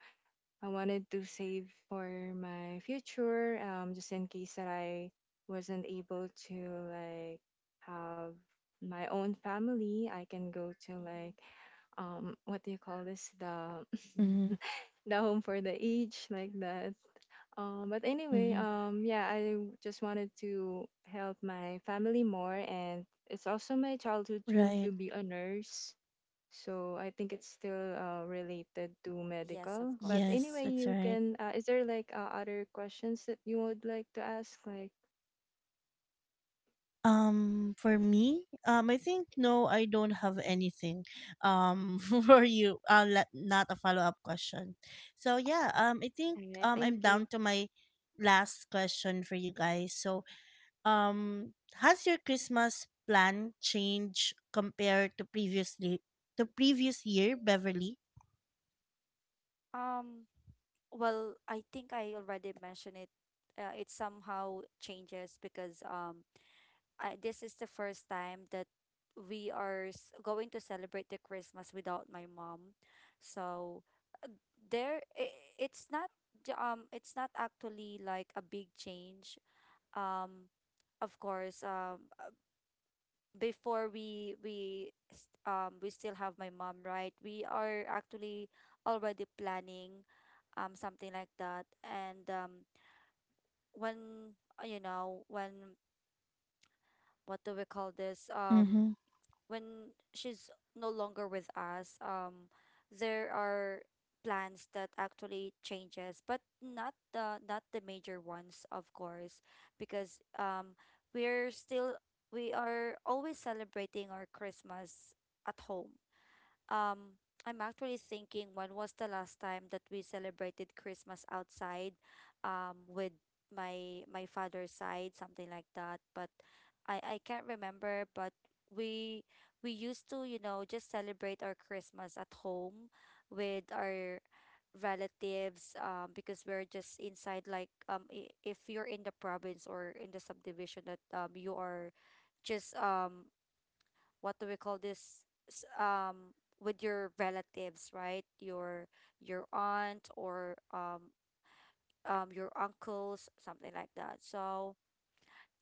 I wanted to save for my future, just in case that I wasn't able to like have my own family. I can go to Mhm. like what do you call this, the Mm-hmm. the home for the age, like that. Um, but anyway, Mm-hmm. Mm. um, yeah, I just wanted to help my family more, and it's also my childhood dream Right. to be a nurse. So I think it's still related to Yes, of medical. But course. Yes, anyway, that's you right. can. Is there like other questions that you would like to ask? Like, for me, I think no, I don't have anything um for you not a follow-up question. So yeah, I think okay, thank I'm down you. to my last question for you guys. So, has your Christmas plan changed compared to previous year, Beverly? Um well, I think I already mentioned it. It somehow changes because I, this is the first time that we are going to celebrate the Christmas without my mom. So there, I it's not j- it's not actually like a big change. Um, of course, before we still have my mom, right? We are actually already planning something like that. And when you know, when what do we call this Mm-hmm. when she's no longer with us, there are plans that actually changes, but not the not the major ones, of course, because we're still we are always celebrating our Christmas at home. I'm actually thinking when was the last time that we celebrated Christmas outside, with my my father's side, something like that. But I can't remember. But we we used to, you know, just celebrate our Christmas at home with our relatives, because we're just inside. Like, if you're in the province or in the subdivision that you are just what do we call this with your relatives, right? Your aunt or your uncles, something like that. So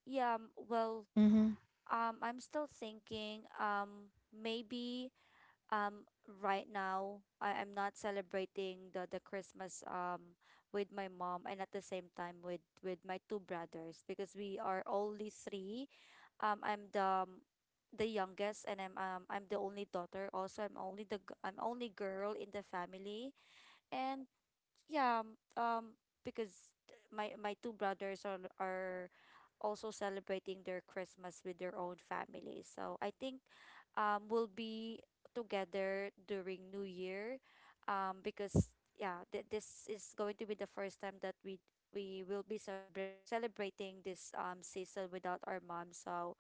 yeah. Well, Mm-hmm. I'm still thinking maybe um right now I am not celebrating the Christmas with my mom, and at the same time with my two brothers, because we are only three. I'm the youngest, and I'm the only daughter. Also, I'm only the I'm only girl in the family. And yeah, um, um, because my my two brothers are also celebrating their Christmas with their own families. So I think we'll be together during New Year, because yeah, this is going to be the first time that we celebrating this season without our mom. So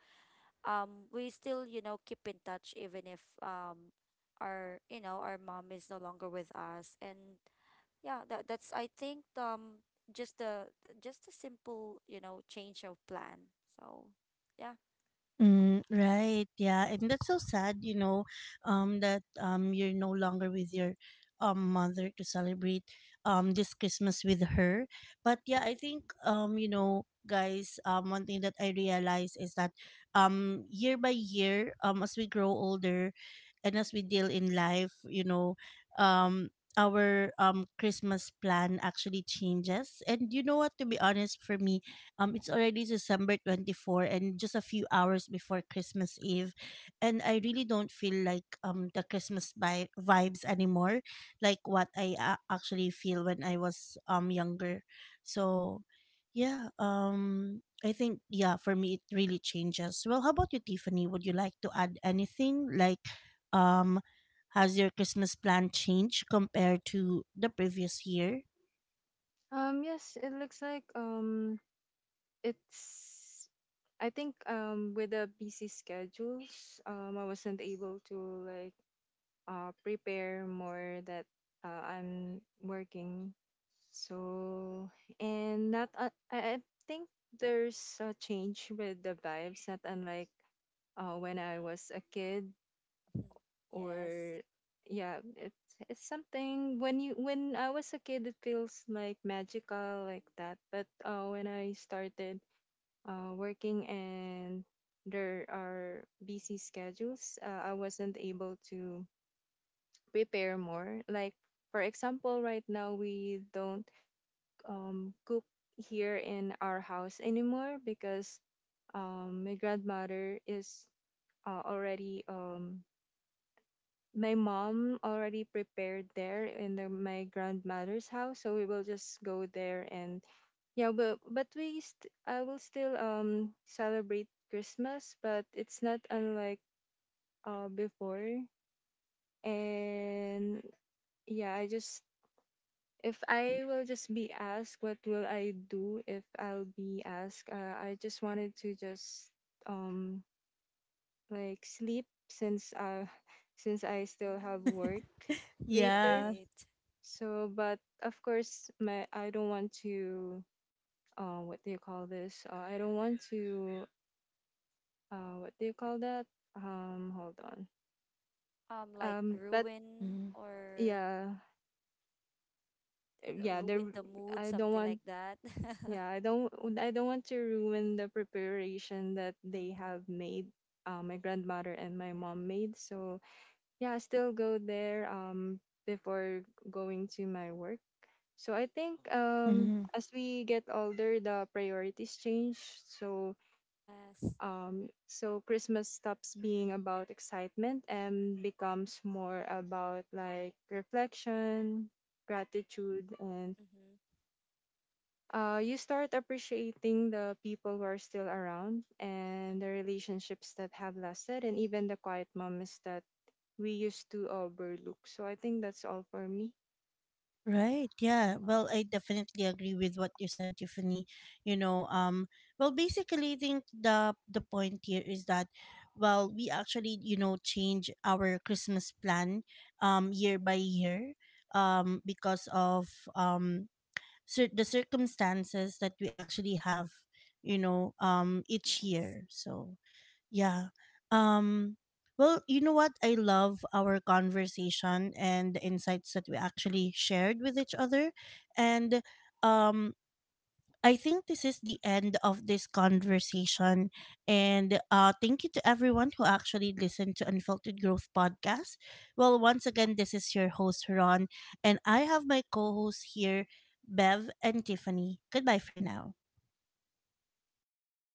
we still, you know, keep in touch even if our you know our mom is no longer with us. And yeah, that that's I think just a just a simple, you know, change of plan. So yeah. Mm, right. Yeah, and that's so sad, you know, that you're no longer with your mother to celebrate this Christmas with her. But yeah, I think you know, guys, one thing that I realize is that year by year, as we grow older and as we deal in life, you know, um our Christmas plan actually changes. And you know what, to be honest for me, it's already December 24 and just a few hours before Christmas Eve. And I really don't feel like the Christmas vibes anymore, like what I actually feel when I was younger. So yeah, I think yeah, for me it really changes. Well, how about you, Tiffany? Would you like to add anything like um has your Christmas plan changed compared to the previous year? Yes, it looks like it's. I think with the busy schedules, I wasn't able to like prepare more, that I'm working. So and not I I think there's a change with the vibes, not unlike when I was a kid, Mhm. or Yes. yeah, it's something. When you when I was a kid, it feels like magical like that, but when I started working and there are busy schedules, I wasn't able to prepare more. Like, for example, right now we don't cook here in our house anymore because my grandmother is already my mom already prepared there in my grandmother's house, so we will just go there. And yeah, but we st- I will still celebrate christmas, but it's not unlike before. And yeah, I just, if I will just be asked what will I do, if I'll be asked, I just wanted to just um like sleep, since since I still have Mm, work later. Yeah. right. So, but of course, my, I don't want to. What do you call this? I don't want to. What do you call that? Hold on. Um, like But ruin or yeah, yeah. ruin The, the mood, I don't something like want. that. Yeah, I don't. I don't want to ruin the preparation that they have Mm-hmm. made. My grandmother and my mom made. So, yeah, I still go there before going to my work. So I think Mm-hmm. as we get older, the priorities change. So Yes. so Christmas stops being about excitement and becomes more about like reflection, gratitude, and Mm-hmm. You start appreciating the people who are still around, and the relationships that have lasted, and even the quiet moments that we used to overlook. So I think that's all for me. Right. Yeah. Well, Wow. I definitely agree with what you said, Tiffany. You know, well, basically, I think the point here is that, well, we actually, you know, change our Christmas plan, year by year, because of the circumstances that we actually have, you know, each Yes. year. So. Yeah. Um well, you know what? I love our conversation and the insights that we actually shared with each other. And um I think this is the end of this conversation. And uh, thank you to everyone who actually listened to Unfiltered Growth Podcast. Well, once again, this is your host Ron, and I have my co-hosts here, Bev and Tiffany. Goodbye for now.